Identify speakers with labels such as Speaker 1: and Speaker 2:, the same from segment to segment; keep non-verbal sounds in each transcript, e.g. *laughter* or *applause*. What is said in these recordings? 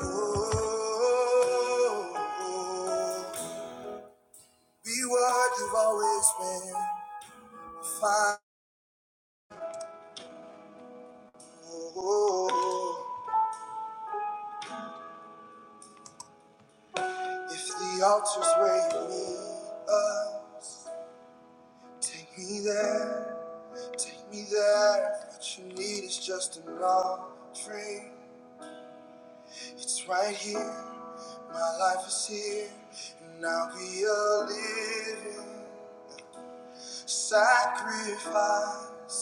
Speaker 1: Oh, oh, be what you've always been. Fine. Oh, if the altar's where you need us, take me there, take me there. What you need is just an offering. It's right here. My life is here, and I'll be a living sacrifice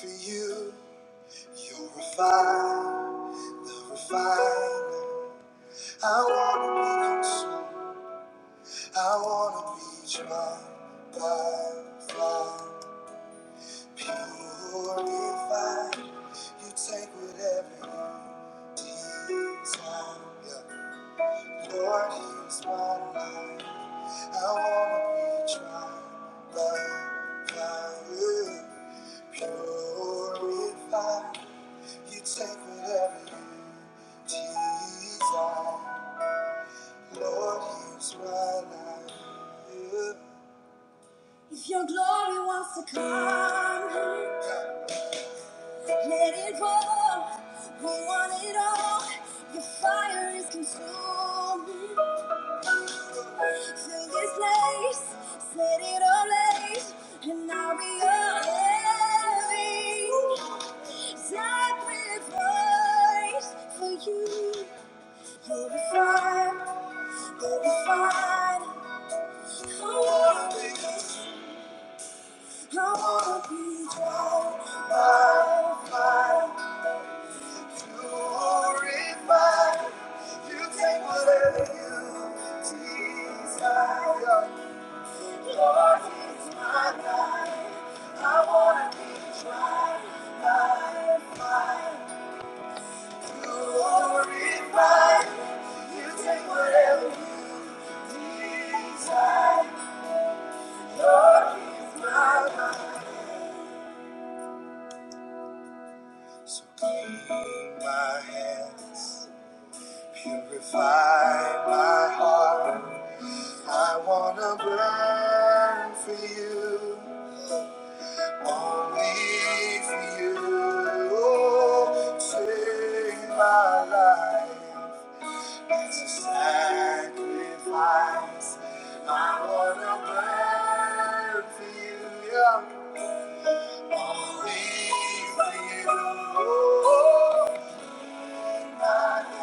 Speaker 1: for you. You're a fire. The Refine. I wanna be consumed. I wanna be tried by fire. Purified. You take whatever you desire. Yeah. Lord, here's my life. I wanna be tried by fire. Purified. You take whatever you desire. Lord, here's my life. Yeah. If your glory wants to come, let it roll. We want it all. Your fire is consuming. Fill this place, set it ablaze, and I'll be all in. Sacrifice for you. You're the fire, you're the fire. Whatever you desire, Lord, is my life. So clean my hands, purify my heart. I wanna burn for you, only for you. Save my life it's a sacrifice. I wanna burn for you, yeah. only for you. Thank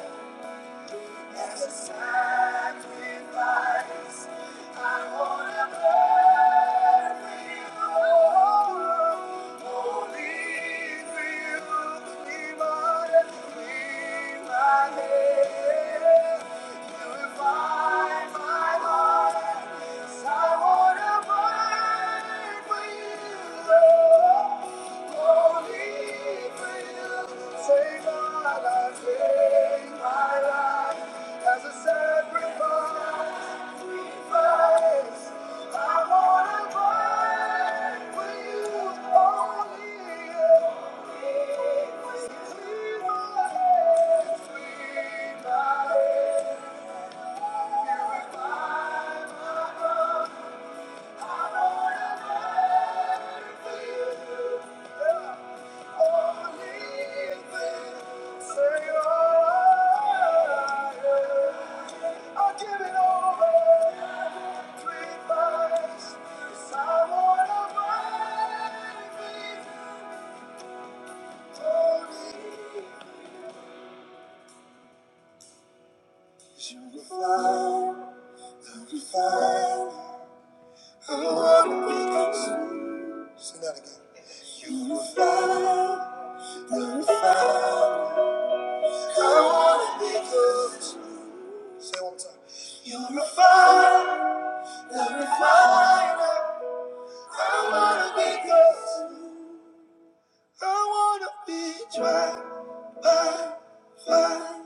Speaker 1: you. As a sacrifice, I wanna burn for you. Only for you, clean my, clean my my heart. Yes, I wanna burn for you, Lord. Thank you. Sing that again. You were found. You're a fire. I wanna be close. Say it one more time. You're a fire. The refiner. I wanna be close. I wanna be dry by fire.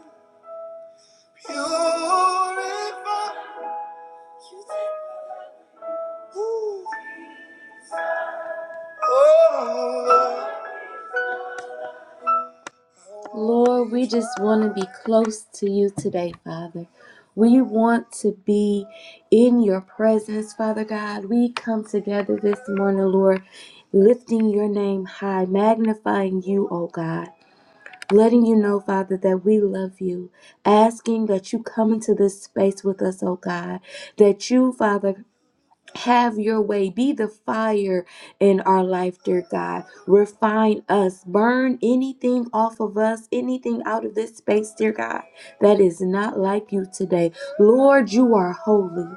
Speaker 1: Purify. You take- Ooh. Oh, Lord, we just want to be close to you today, Father. We want to be in your presence, Father God. We come together this morning, Lord, lifting your name high, magnifying you, oh God. Letting you know, Father, that we love you, asking that you come into this space with us, oh God, that you, Father, have your way. Be the fire in our life, dear God. Refine us. Burn anything off of us, anything out of this space, dear God, that is not like you today. Lord, you are holy.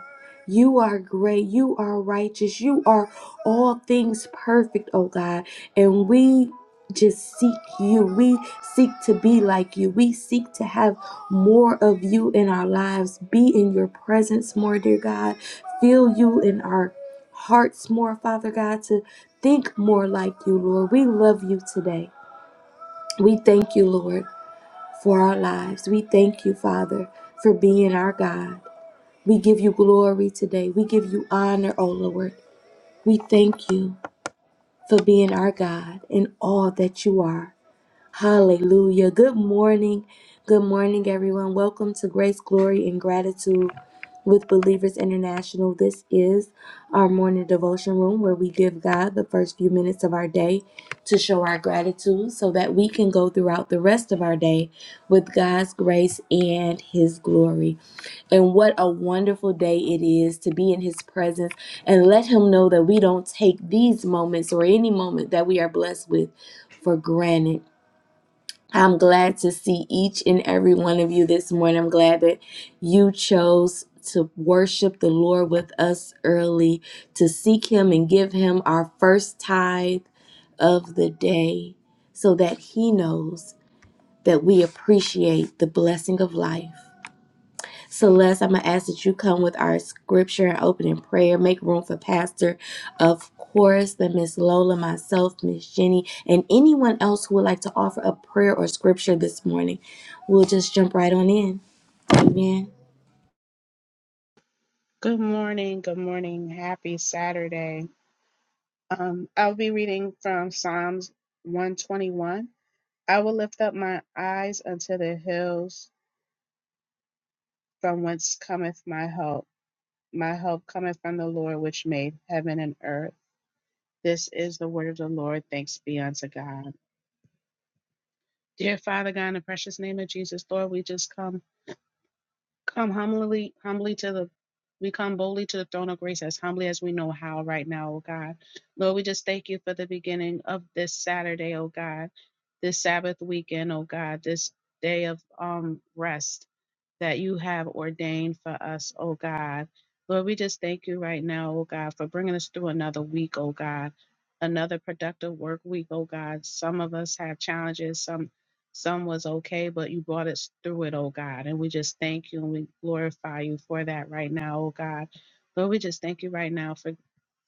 Speaker 1: You are great. You are righteous. You are all things perfect, oh God. And we just seek you. We seek to be like you. We seek to have more of you in our lives. Be in your presence more, dear God feel you in our hearts more, Father God, to think more like you, Lord. We love you today. We thank you, Lord, for our lives. We thank you, Father, for being our God. We give you glory today. We give you honor, O Lord. We thank you for being our God and all that you are. Hallelujah. Good morning. Good morning, everyone. Welcome to Grace, Glory, and Gratitude with Believers International. This is our morning devotion room where we give God the first few minutes of our day to show our gratitude so that we can go throughout the rest of our day with God's grace and His glory. And what a wonderful day it is to be in His presence and let Him know that we don't take these moments or any moment that we are blessed with for granted. I'm glad to see each and every one of you this morning. I'm glad that you chose to worship the Lord with us early, to seek Him and give Him our first tithe of the day so that He knows that we appreciate the blessing of life Celeste, I'm going to ask that you come with our scripture and opening prayer. Make room for Pastor, of course, then Miss Lola, myself, Miss Jenny, and anyone else who would like to offer a prayer or scripture this morning. We'll just jump right on in. Amen.
Speaker 2: Good morning. Good morning. Happy Saturday. Um, I'll be reading from Psalms 121. I will lift up my eyes unto the hills from whence cometh my help. My help cometh from the Lord which made heaven and earth. This is the word of the Lord. Thanks be unto God. Dear Father God, in the precious name of Jesus, Lord, we just come Come humbly, humbly to the, we come boldly to the throne of grace as humbly as we know how right now, oh God. Lord, we just thank you for the beginning of this Saturday, oh God, this Sabbath weekend, oh God, this day of um rest that you have ordained for us, oh God. Lord, we just thank you right now, oh God, for bringing us through another week, oh God, another productive work week, oh God. Some of us have challenges, some some was okay, but you brought us through it, oh God. And we just thank you and we glorify you for that right now, oh God. Lord, we just thank you right now for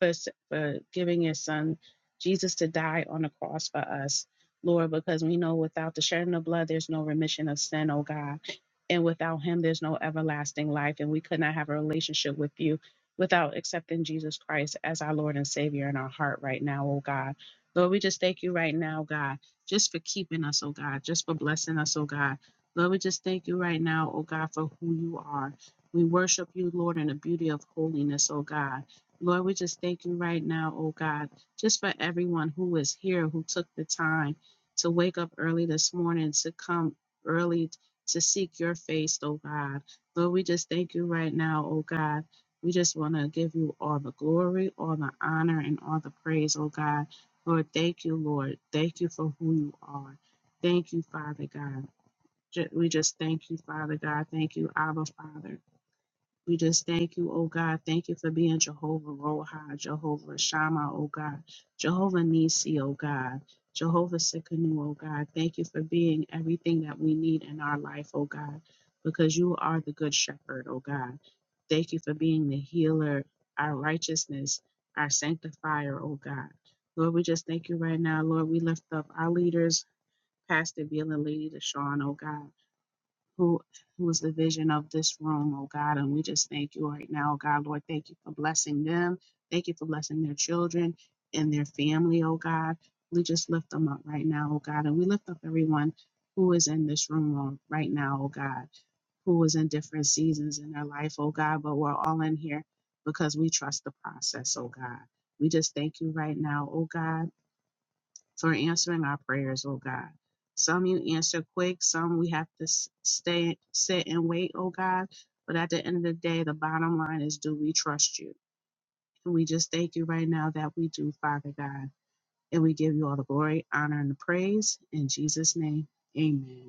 Speaker 2: for, for giving your son Jesus to die on the cross for us, Lord, because we know without the shedding of blood, there's no remission of sin, oh God and without him there's no everlasting life and we could not have a relationship with you without accepting jesus christ as our lord and savior in our heart right now oh god lord we just thank you right now god just for keeping us oh god just for blessing us oh god lord we just thank you right now oh god for who you are we worship you lord in the beauty of holiness oh god lord we just thank you right now oh god just for everyone who is here who took the time to wake up early this morning to come early to seek your face, oh God. Lord, we just thank you right now, oh God. We just want to give you all the glory, all the honor, and all the praise, oh God. Lord, thank you, Lord. Thank you for who you are. Thank you, Father God. Ju- We just thank you, Father God. Thank you, Abba, Father. We just thank you, oh God. Thank you for being Jehovah Roha, Jehovah Shammah, oh God. Jehovah Nisi, oh God. Jehovah Sikkenu, oh God. Thank you for being everything that we need in our life, oh God, because you are the good shepherd, oh God. Thank you for being the healer, our righteousness, our sanctifier, oh God. Lord, we just thank you right now. Lord, we lift up our leaders, Pastor Bill and Lady Deshaun, oh God who was the vision of this room, oh God. And we just thank you right now, oh God, Lord. Thank you for blessing them. Thank you for blessing their children and their family, oh God. We just lift them up right now, oh God. And we lift up everyone who is in this room oh, right now, oh God, who is in different seasons in their life, oh God. But we're all in here because we trust the process, oh God. We just thank you right now, oh God for answering our prayers, oh God. Some you answer quick, some we have to s- stay, sit and wait, oh God. But at the end of the day, the bottom line is do we trust you? And we just thank you right now that we do, Father God. And we give you all the glory, honor, and the praise. In Jesus' name, amen.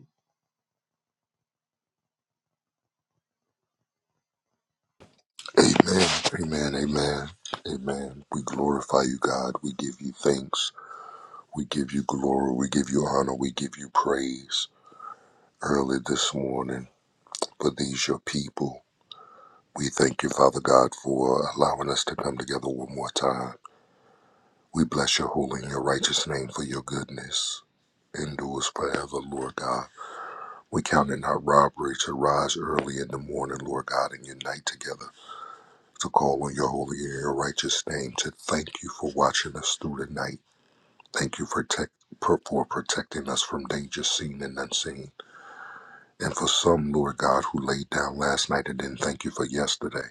Speaker 3: Amen. Amen. Amen. Amen. We glorify you, God. We give you thanks. We give you glory. We give you honor. We give you praise early this morning for these, your people. We thank you, Father God, for allowing us to come together one more time. We bless your holy and your righteous name for your goodness. Endures forever, Lord God. We count it not robbery to rise early in the morning, Lord God, and unite together to call on your holy and your righteous name, to thank you for watching us through the night. Thank you for, tec- per- for protecting us from danger seen and unseen. And for some, Lord God, who laid down last night and didn't thank you for yesterday,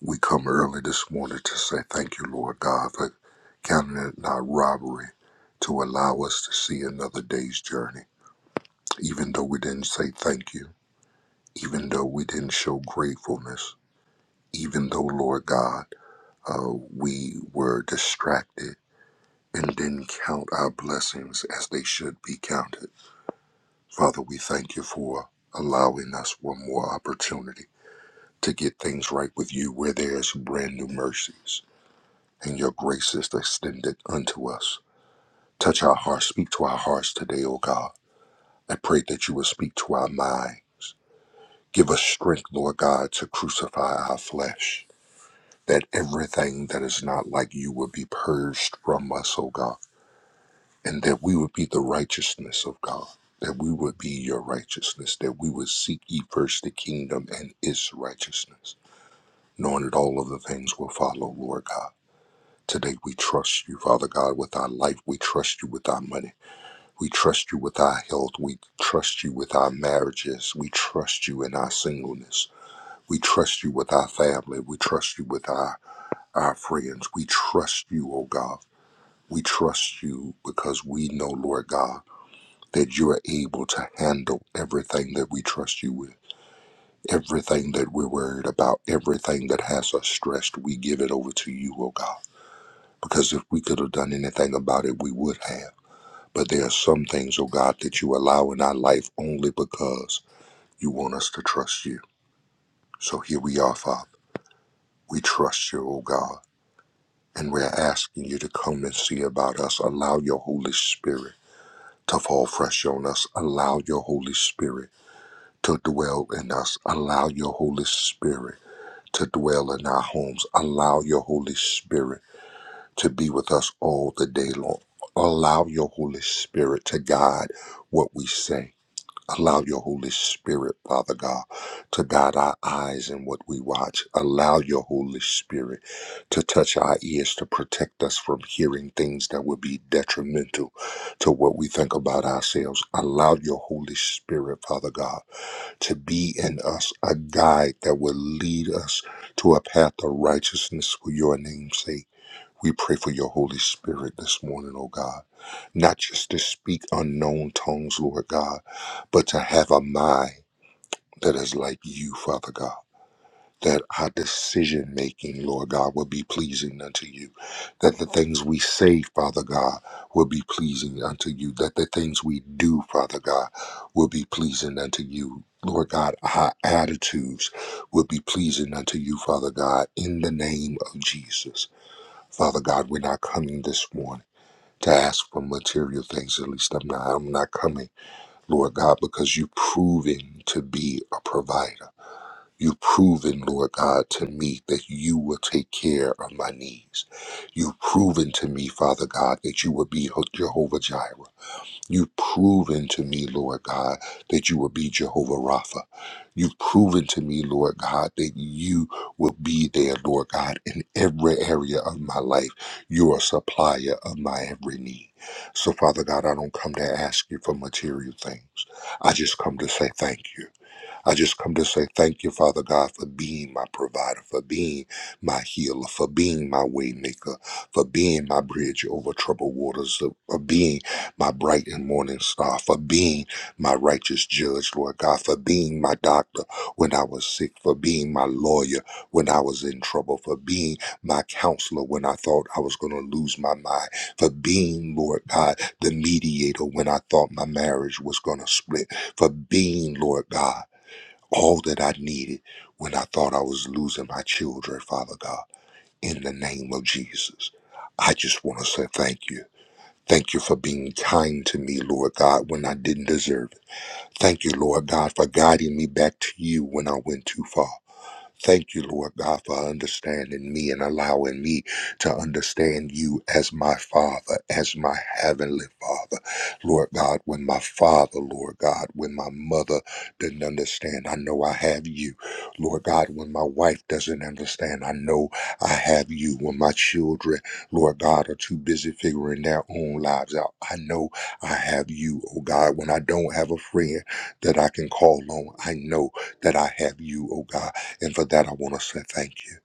Speaker 3: we come early this morning to say thank you, Lord God, for counting it not robbery to allow us to see another day's journey. Even though we didn't say thank you, even though we didn't show gratefulness, even though, Lord God, uh, we were distracted and didn't count our blessings as they should be counted. Father, we thank you for allowing us one more opportunity to get things right with you where there's brand new mercies and your grace is extended unto us. Touch our hearts, speak to our hearts today, O God. I pray that you will speak to our minds. Give us strength, Lord God, to crucify our flesh, that everything that is not like you will be purged from us, O God. and that we would be the righteousness of God, that we would be your righteousness, that we would seek ye first the kingdom and its righteousness, knowing that all other things will follow, Lord God. Today we trust you, Father God, with our life. We trust you with our money. We trust you with our health. We trust you with our marriages. We trust you in our singleness. We trust you with our family. We trust you with our, our friends. We trust you, O God. We trust you because we know, Lord God. that you are able to handle everything that we trust you with, everything that we're worried about, everything that has us stressed. We give it over to you, oh God, because if we could have done anything about it, we would have. But there are some things, oh God, that you allow in our life only because you want us to trust you. So here we are, Father. We trust you, oh God, and we're asking you to come and see about us. Allow your Holy Spirit to fall fresh on us. Allow your Holy Spirit to dwell in us. Allow your Holy Spirit to dwell in our homes. Allow your Holy Spirit to be with us all the day long. Allow your Holy Spirit to guide what we say. Allow your Holy Spirit, Father God, to guide our eyes in what we watch. Allow your Holy Spirit to touch our ears to protect us from hearing things that would be detrimental to what we think about ourselves. Allow your Holy Spirit, Father God to be in us a guide that will lead us to a path of righteousness for your name's sake. We pray for your Holy Spirit this morning, oh God, not just to speak unknown tongues, Lord God, but to have a mind that is like you, Father God that our decision making, Lord God, will be pleasing unto you. That the things we say, Father God, will be pleasing unto you. That the things we do, Father God, will be pleasing unto you. Lord God, our attitudes will be pleasing unto you, Father God, in the name of Jesus. Father God, we're not coming this morning to ask for material things. At least I'm not. I'm not coming, Lord God, because you've proven to be a provider. You've proven, Lord God, to me that you will take care of my needs. You've proven to me, Father God, that you will be Jehovah Jireh. You've proven to me, Lord God, that you will be Jehovah Rapha. You've proven to me, Lord God, that you will be there, Lord God, in every area of my life. You're a supplier of my every need. So, Father God, I don't come to ask you for material things. I just come to say thank you. I just come to say thank you, Father God, for being my provider, for being my healer, for being my waymaker, for being my bridge over troubled waters, for for being my bright and morning star, for being my righteous judge, Lord God, for being my doctor when I was sick, for being my lawyer when I was in trouble, for being my counselor when I thought I was going to lose my mind, for being, Lord God, the mediator when I thought my marriage was going to split, for being, Lord God all that I needed when I thought I was losing my children, Father God, in the name of Jesus. I just want to say thank you. Thank you for being kind to me, Lord God, when I didn't deserve it. Thank you, Lord God, for guiding me back to you when I went too far. Thank you, Lord God, for understanding me and allowing me to understand you as my Father, as my Heavenly Father. Lord God, when my father, Lord God, when my mother didn't understand, I know I have you. Lord God, when my wife doesn't understand, I know I have you. When my children, Lord God, are too busy figuring their own lives out, I know I have you, oh God. When I don't have a friend that I can call on, I know that I have you, oh God. And for that, I want to say thank you.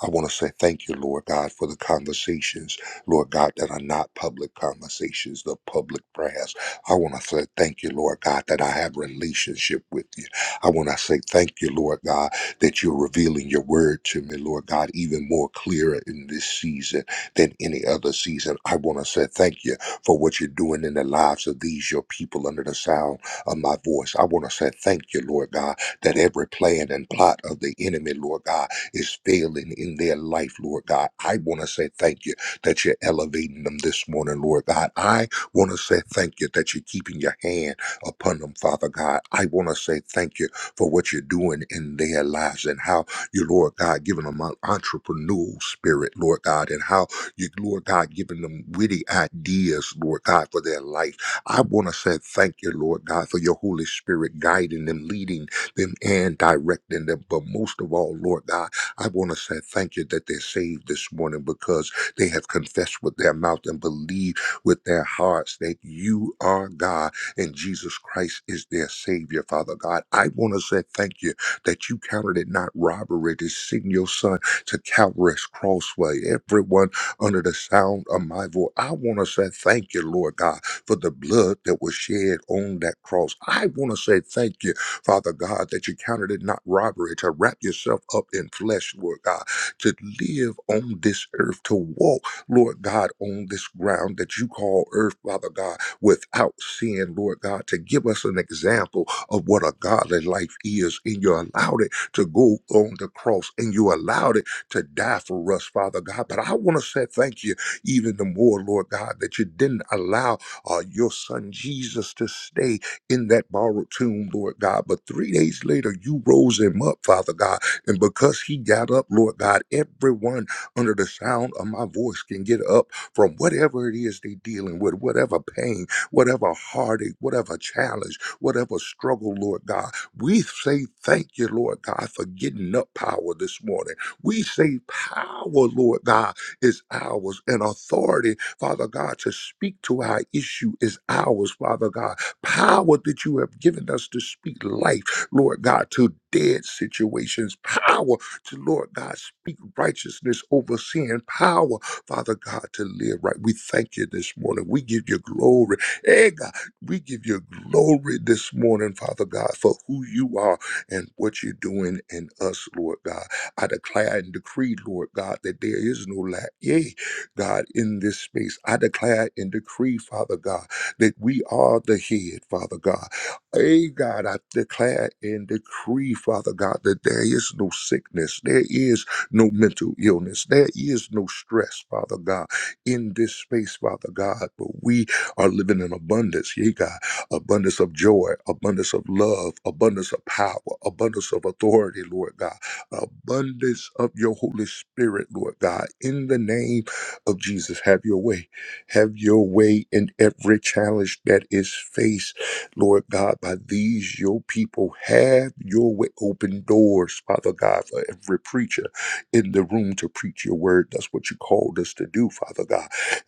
Speaker 3: I want to say thank you, Lord God, for the conversations, Lord God, that are not public conversations, the public prayers. I want to say thank you, Lord God, that I have relationship with you. I want to say thank you, Lord God, that you're revealing your word to me, Lord God, even more clearer in this season than any other season. I want to say thank you for what you're doing in the lives of these, your people, under the sound of my voice. I want to say thank you, Lord God, that every plan and plot of the enemy, Lord God, is failing in their life, Lord God. I want to say thank you that you're elevating them this morning, Lord God. I want to say thank you that you're keeping your hand upon them, Father God. I want to say thank you for what you're doing in their lives and how you, Lord God, giving them an entrepreneurial spirit, Lord God, and how you, Lord God, giving them witty ideas, Lord God, for their life. I want to say thank you, Lord God, for your Holy Spirit guiding them, leading them, and directing them. But most of all, Lord God, I want to say thank you that they're saved this morning because they have confessed with their mouth and believed with their hearts that you are God and Jesus Christ is their Savior, Father God. I want to say thank you that you counted it not robbery to send your Son to Calvary's Crossway. Everyone under the sound of my voice, I want to say thank you, Lord God, for the blood that was shed on that cross. I want to say thank you Father God, that you counted it not robbery to wrap yourself up in flesh, Lord God, to live on this earth, to walk, Lord God, on this ground that you call earth, Father God, without sin, Lord God, to give us an example of what a godly life is. And you allowed it to go on the cross and you allowed it to die for us, Father God. But I want to say thank you even the more, Lord God, that you didn't allow uh, your son Jesus to stay in that borrowed tomb, Lord God. But three days later, you rose him up, Father God. And because he got up, Lord God, everyone under the sound of my voice can get up from whatever it is they're dealing with, whatever pain, whatever heartache, whatever challenge, whatever struggle, Lord God. We say thank you, Lord God, for getting up power this morning. We say power, Lord God, is ours, and authority, Father God, to speak to our issue is ours, Father God power that you have given us to speak life, Lord God, to dead situations, power to, Lord God, speak righteousness over sin, power, Father God, to live right. We thank you this morning. We give you glory. Hey, God, we give you glory this morning, Father God, for who you are and what you're doing in us, Lord God. I declare and decree, Lord God, that there is no lack. Yea, God, in this space, I declare and decree, Father God that we are the head, Father God. Hey, God, I declare and decree, Father God, that there is no sickness, there is no mental illness, there is no stress, Father God, in this space, Father God. But we are living in abundance, yeah, God, abundance of joy, abundance of love, abundance of power, abundance of authority, Lord God, abundance of your Holy Spirit, Lord God, in the name of Jesus. Have your way. Have your way in every challenge that is faced, Lord God, by these your people. Have your way. Open doors, Father God, for every preacher in the room to preach your word. That's what you called us to do, Father God.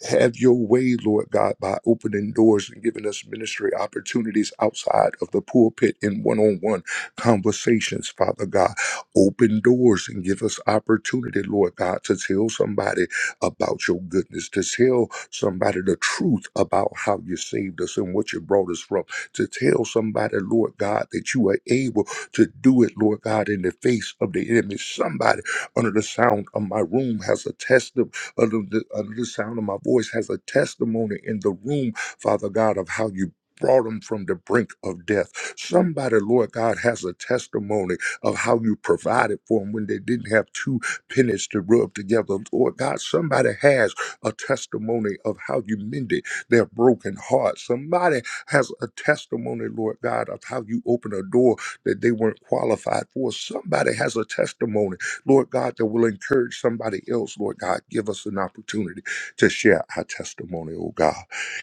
Speaker 3: Have your way, Lord God, by opening doors and giving us ministry opportunities outside of the pulpit in one on one conversations, Father God. Open doors and give us opportunity, Lord God, to tell somebody about your goodness, to tell somebody the truth about how you saved us and what you brought us from, to tell somebody, Lord God, that you are able to do it, Lord God, in the face of the enemy. Somebody under the sound of my room has a testimony, under the, under the sound of my voice has a testimony in the room, Father God, of how you. Brought them from the brink of death. Somebody, Lord God, has a testimony of how you provided for them when they didn't have too pennies to rub together. Lord God, somebody has a testimony of how you mended their broken heart. Somebody has a testimony, Lord God, of how you opened a door that they weren't qualified for. Somebody has a testimony, Lord God, that will encourage somebody else. Lord God, give us an opportunity to share our testimony, oh God.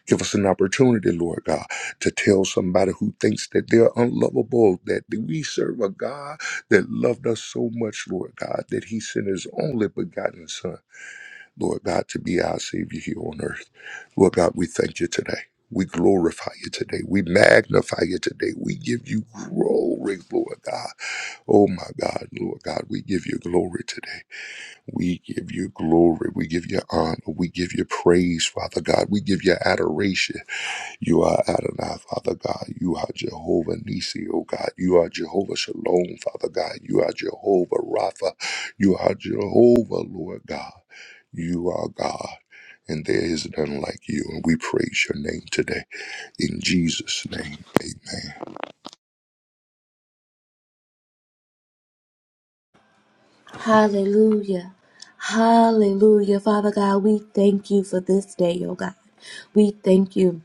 Speaker 3: Give us an opportunity, Lord God, to tell somebody who thinks that they're unlovable that we serve a God that loved us so much, Lord God, that he sent his only begotten Son, Lord God, to be our Savior here on earth. Lord God, we thank you today. We glorify you today. We magnify you today. We give you glory, Lord God. Oh my God, Lord God, we give you glory today. We give you glory. We give you honor. We give you praise, Father God. We give you adoration. You are Adonai, Father God. You are Jehovah Nisi, O God. You are Jehovah Shalom, Father God. You are Jehovah Rapha. You are Jehovah, Lord God. You are God, and there is none like you. And we praise your name today. In Jesus' name, amen.
Speaker 1: Hallelujah. Hallelujah. Father God, we thank you for this day, oh God. We thank you.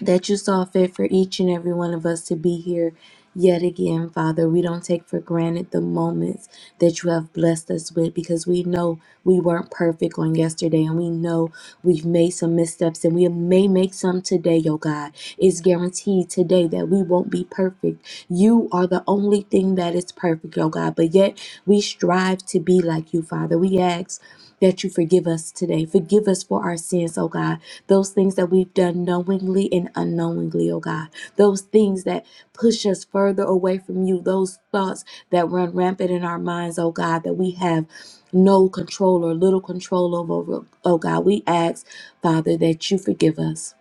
Speaker 1: that you saw fit for each and every one of us to be here yet again, Father. We don't take for granted the moments that you have blessed us with because we know we weren't perfect on yesterday and we know we've made some missteps and we may make some today, oh God. It's guaranteed today that we won't be perfect. You are the only thing that is perfect, oh God, but yet we strive to be like you, Father. We ask that you forgive us today. Forgive us for our sins, oh God those things that we've done knowingly and unknowingly, oh God, those things that push us further away from you, those thoughts that run rampant in our minds, oh God, that we have no control or little control over, oh God. We ask, Father, that you forgive us.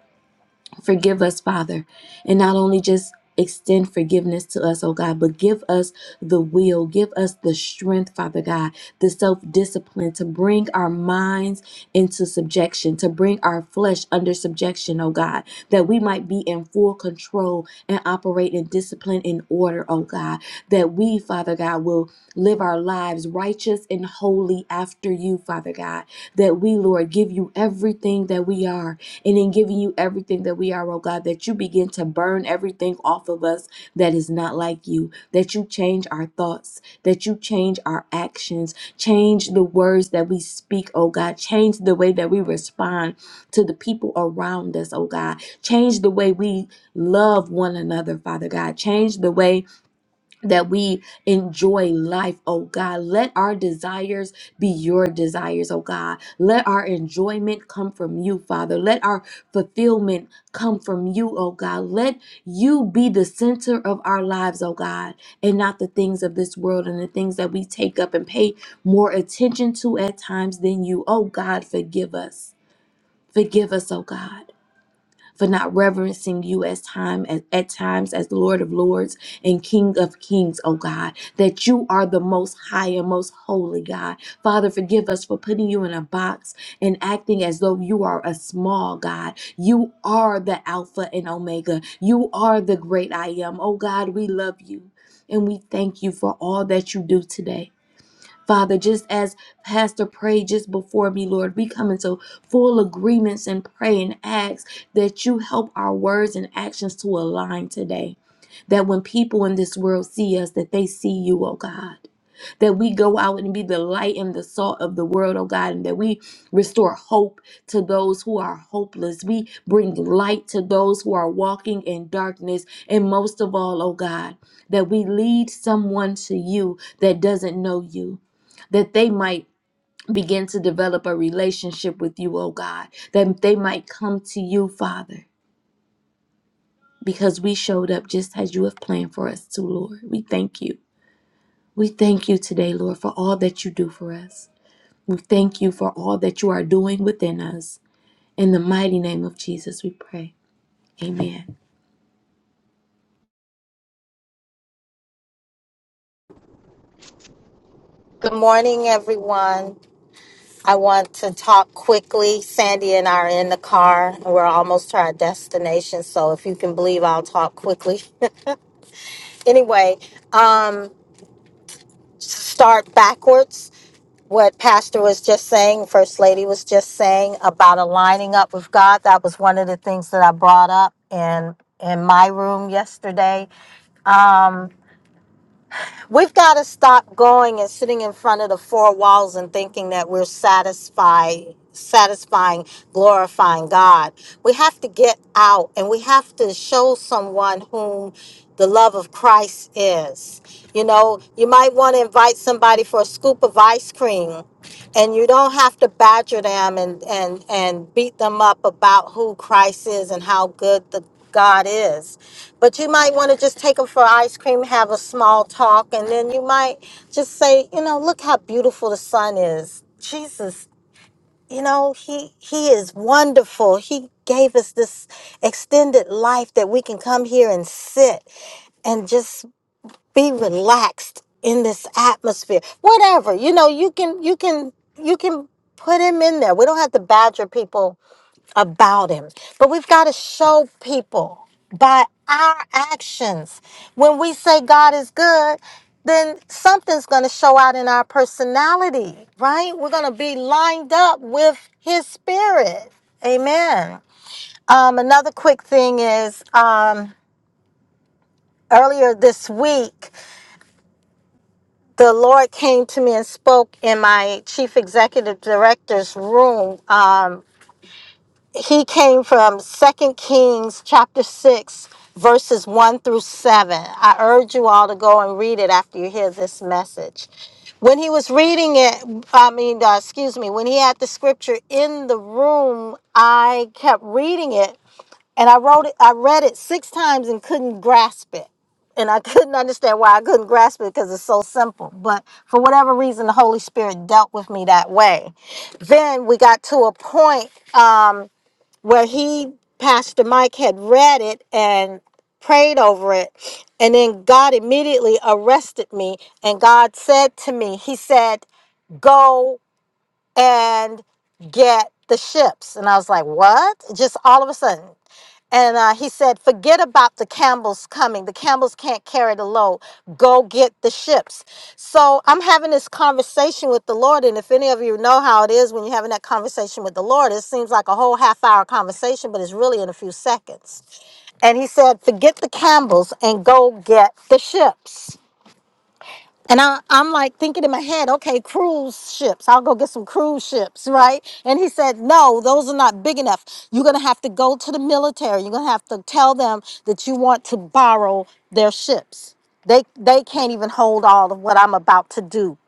Speaker 1: Forgive us, Father, and not only just extend forgiveness to us, oh God, but give us the will, give us the strength, Father God, the self discipline to bring our minds into subjection, to bring our flesh under subjection, oh God, that we might be in full control and operate in discipline and order, oh God, that we, Father God, will live our lives righteous and holy after you, Father God, that we, Lord, give you everything that we are and in giving you everything that we are, oh God, that you begin to burn everything off of us that is not like you, that you change our thoughts, that you change our actions, change the words that we speak, oh God, change the way that we respond to the people around us, oh God, change the way we love one another, Father God, change the way that we enjoy life, oh God. Let our desires be your desires, oh God. Let our enjoyment come from you, Father. Let our fulfillment come from you, oh God. Let you be the center of our lives, oh God, and not the things of this world and the things that we take up and pay more attention to at times than you. Oh God, forgive us. Forgive us, oh God for not reverencing you as time as, at times as the Lord of Lords and King of Kings, oh God, that you are the most high and most holy God. Father, forgive us for putting you in a box and acting as though you are a small God. You are the Alpha and Omega. You are the great I am. Oh God, we love you and we thank you for all that you do today. Father, just as Pastor prayed just before me, Lord, we come into full agreements and pray and ask that you help our words and actions to align today. That when people in this world see us, that they see you, oh God that we go out and be the light and the salt of the world, oh God, and that we restore hope to those who are hopeless. We bring light to those who are walking in darkness. And most of all, oh God, that we lead someone to you that doesn't know you, that they might. Begin to develop a relationship with you, oh God, that they might come to you, Father, because we showed up just as you have planned for us to, Lord. We thank you. We thank you today, Lord, for all that you do for us. We thank you for all that you are doing within us. In the mighty name of Jesus, we pray. Amen.
Speaker 4: Good morning, everyone. I want to talk quickly. Sandy and I are in the car. and We're almost to our destination, so if you can believe, I'll talk quickly. *laughs* anyway, um, start backwards. What Pastor was just saying, First Lady was just saying about aligning up with God. That was one of the things that I brought up in in my room yesterday. Um, We've got to stop going and sitting in front of the four walls and thinking that we're satisfied, satisfying, glorifying God. We have to get out and we have to show someone whom the love of Christ is. You know, you might want to invite somebody for a scoop of ice cream and you don't have to badger them and and and beat them up about who Christ is and how good the God is. But you might want to just take them for ice cream, have a small talk, and then you might just say, you know, look how beautiful the sun is. Jesus, you know, he he is wonderful. He gave us this extended life that we can come here and sit and just be relaxed in this atmosphere. Whatever. You know, you can you can you can put him in there. We don't have to badger people about him. But we've got to show people by our actions. When we say God is good, then something's going to show out in our personality, right? We're going to be lined up with his spirit. Amen. Um, another quick thing is um, earlier this week, the Lord came to me and spoke in my chief executive director's room. Um, he came from Second Kings chapter 6, verses 1 through 7. I urge you all to go and read it after you hear this message. When he was reading it, I mean, uh, excuse me, when he had the scripture in the room, I kept reading it and I wrote it, I read it six times and couldn't grasp it. And I *laughs* couldn't understand why I couldn't grasp it because it's so simple. But for whatever reason, the Holy Spirit dealt with me that way then we got to a point. um, where he, Pastor Mike, had read it and prayed over it. And then God immediately arrested me. And God said to me, He said, Go and get the ships. And I was like, What? Just all of a sudden. And uh, he said, Forget about the Campbells coming. The Campbells can't carry the load. Go get the ships. So I'm having this conversation with the Lord. And if any of you know how it is when you're having that conversation with the Lord, it seems like a whole half hour conversation, but it's really in a few seconds. And he said, Forget the Campbells and go get the ships. And I, I'm like thinking in my head, okay, cruise ships. I'll go get some cruise ships, right? And he said, no, those are not big enough. You're going to have to go to the military. You're going to have to tell them that you want to borrow their ships. They, they can't even hold all of what I'm about to do.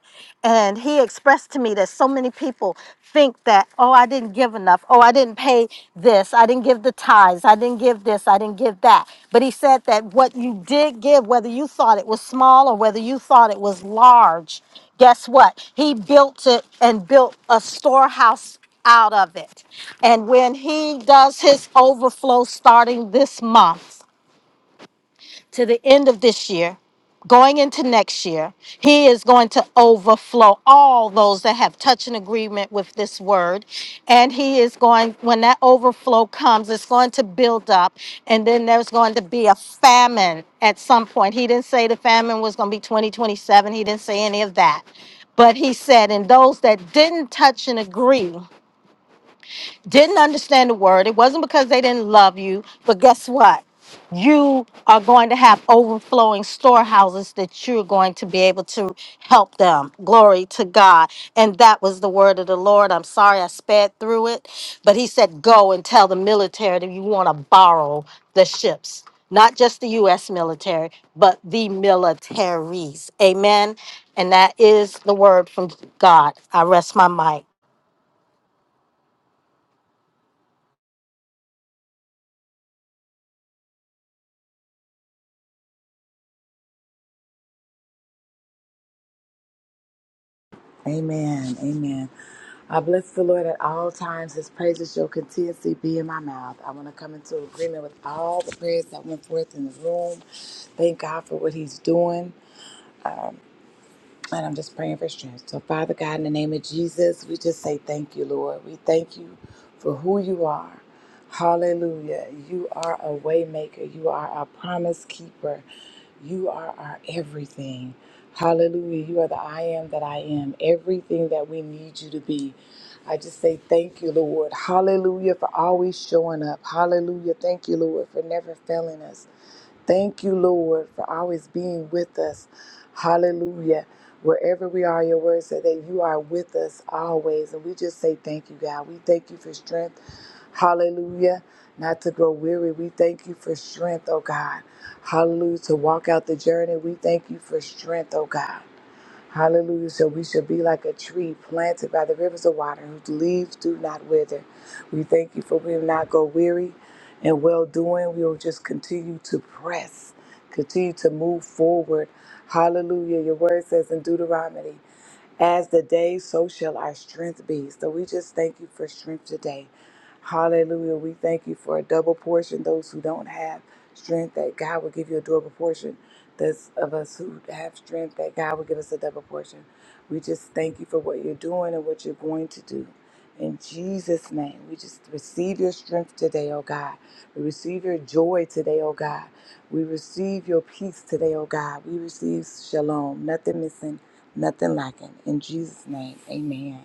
Speaker 4: And he expressed to me that so many people think that, oh, I didn't give enough. Oh, I didn't pay this. I didn't give the tithes. I didn't give this. I didn't give that. But he said that what you did give, whether you thought it was small or whether you thought it was large, guess what? He built it and built a storehouse out of it. And when he does his overflow starting this month, to the end of this year, going into next year, He is going to overflow all those that have touched an agreement with this word. And He is going, when that overflow comes, it's going to build up. And then there's going to be a famine at some point. He didn't say the famine was going to be 2027, He didn't say any of that. But He said, and those that didn't touch and agree, didn't understand the word. It wasn't because they didn't love you, but guess what? You are going to have overflowing storehouses that you're going to be able to help them. Glory to God. And that was the word of the Lord. I'm sorry I sped through it, but he said, Go and tell the military that you want to borrow the ships, not just the U.S. military, but the militaries. Amen. And that is the word from God. I rest my mic.
Speaker 5: Amen. Amen. I bless the Lord at all times. His praises shall continuously be in my mouth. I want to come into agreement with all the prayers that went forth in the room. Thank God for what He's doing. And I'm just praying for strength. So, Father God, in the name of Jesus, we just say thank you, Lord. We thank you for who you are. Hallelujah. You are a waymaker. You are our promise keeper. You are our everything. Hallelujah. You are the I am that I am, everything that we need you to be. I just say thank you, Lord. Hallelujah for always showing up. Hallelujah. Thank you, Lord, for never failing us. Thank you, Lord, for always being with us. Hallelujah. Wherever we are, your word said that you are with us always. And we just say thank you, God. We thank you for strength. Hallelujah. Not to grow weary. We thank you for strength, oh God. Hallelujah. To walk out the journey. We thank you for strength, oh God. Hallelujah. So we shall be like a tree planted by the rivers of water, whose leaves do not wither. We thank you for we will not go weary and well doing. We will just continue to press, continue to move forward. Hallelujah. Your word says in Deuteronomy as the day, so shall our strength be. So we just thank you for strength today. Hallelujah. We thank you for a double portion. Those who don't have strength, that God will give you a double portion. Those of us who have strength, that God will give us a double portion. We just thank you for what you're doing and what you're going to do. In Jesus' name, we just receive your strength today, oh God. We receive your joy today, oh God. We receive your peace today, oh God. We receive shalom, nothing missing nothing lacking. In Jesus' name, amen.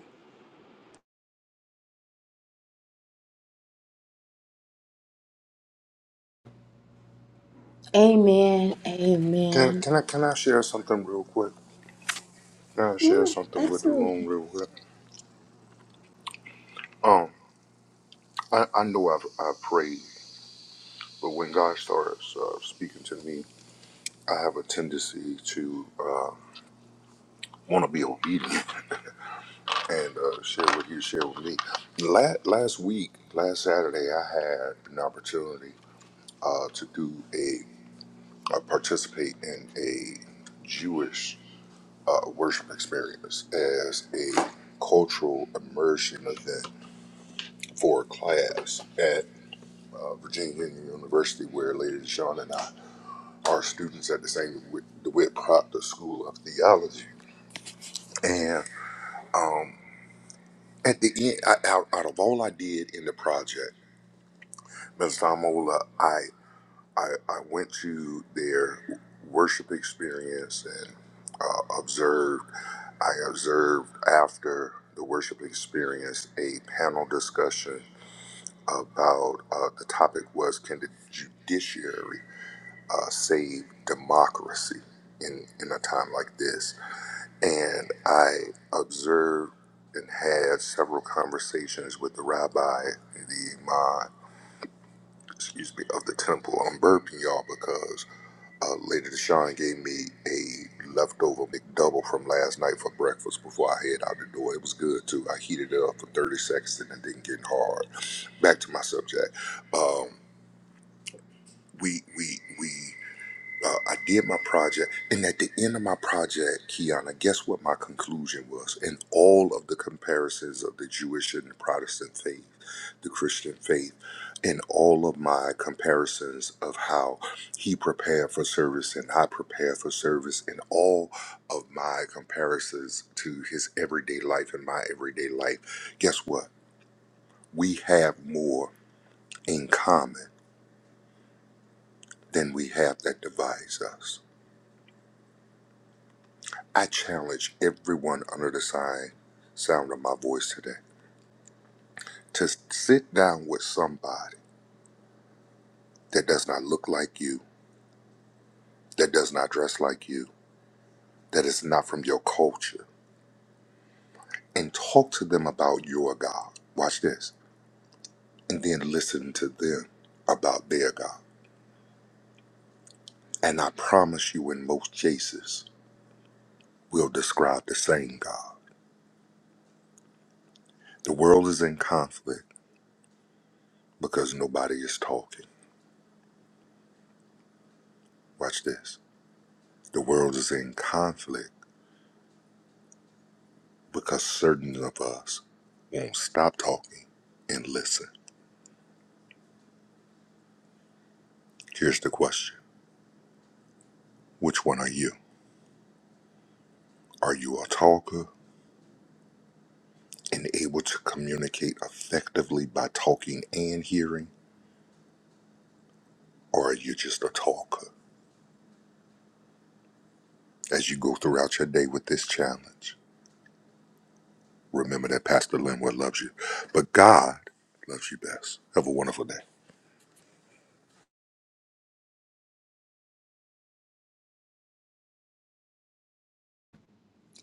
Speaker 1: Amen.
Speaker 3: Can
Speaker 1: Amen.
Speaker 3: can I can I share something real quick? Can I share
Speaker 1: Yeah,
Speaker 3: something with the room
Speaker 1: absolutely.
Speaker 3: real quick? Um, I, I know I've I prayed, but when God starts uh, speaking to me, I have a tendency to uh, want to be obedient. and uh, share what you share with me. Last, last week, last Saturday, I had an opportunity uh, to do a uh, participate in a Jewish uh, worship experience as a cultural immersion event for a class at uh, Virginia University, where Lady Deshawn and I are students at the same Wi- DeWitt Proctor School of Theology, and um, at the end, I, out, out of all I did in the project. Ms. Damola, I, I I went to their worship experience and uh, observed. I observed after the worship experience a panel discussion about uh, the topic was can the judiciary uh, save democracy in in a time like this? And I observed and had several conversations with the rabbi, the imam, excuse me, of the temple. I'm burping y'all because uh, Lady Deshawn gave me a leftover McDouble from last night for breakfast before I head out the door. It was good too. I heated it up for 30 seconds and it didn't get hard. Back to my subject. Um, we we we uh, I did my project, and at the end of my project, Kiana, guess what my conclusion was? In all of the comparisons of the Jewish and the Protestant faith, the Christian faith, and all of my comparisons of how he prepared for service and I prepared for service, and all of my comparisons to his everyday life and my everyday life, guess what? We have more in common than we have that divides us. I challenge everyone under the sign, sound of my voice today to sit down with somebody that does not look like you, that does not dress like you, that is not from your culture, and talk to them about your God. Watch this. And then listen to them about their God. And I promise you, in most cases, we'll describe the same God. The world is in conflict because nobody is talking. Watch this. The world is in conflict because certain of us won't stop talking and listen. Here's the question Which one are you? Are you a talker and able to communicate effectively by talking and hearing? Or are you just a talker? As you go throughout your day with this challenge, remember that Pastor Linwood loves you, but God loves you best. Have a wonderful day.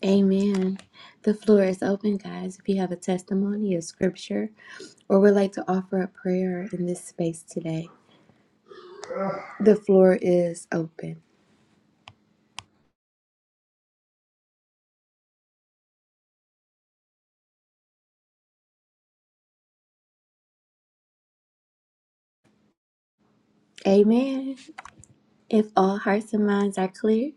Speaker 1: Amen. The floor is open, guys. If you have a testimony, a scripture, or would like to offer a prayer in this space today, the floor is open. Amen. If all hearts and minds are clear,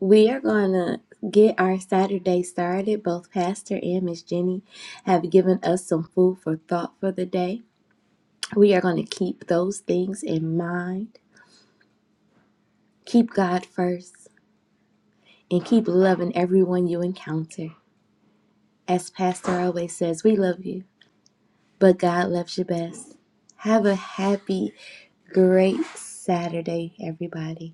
Speaker 1: We are going to get our Saturday started. Both Pastor and Miss Jenny have given us some food for thought for the day. We are going to keep those things in mind. Keep God first and keep loving everyone you encounter. As Pastor always says, we love you, but God loves you best. Have a happy, great Saturday, everybody.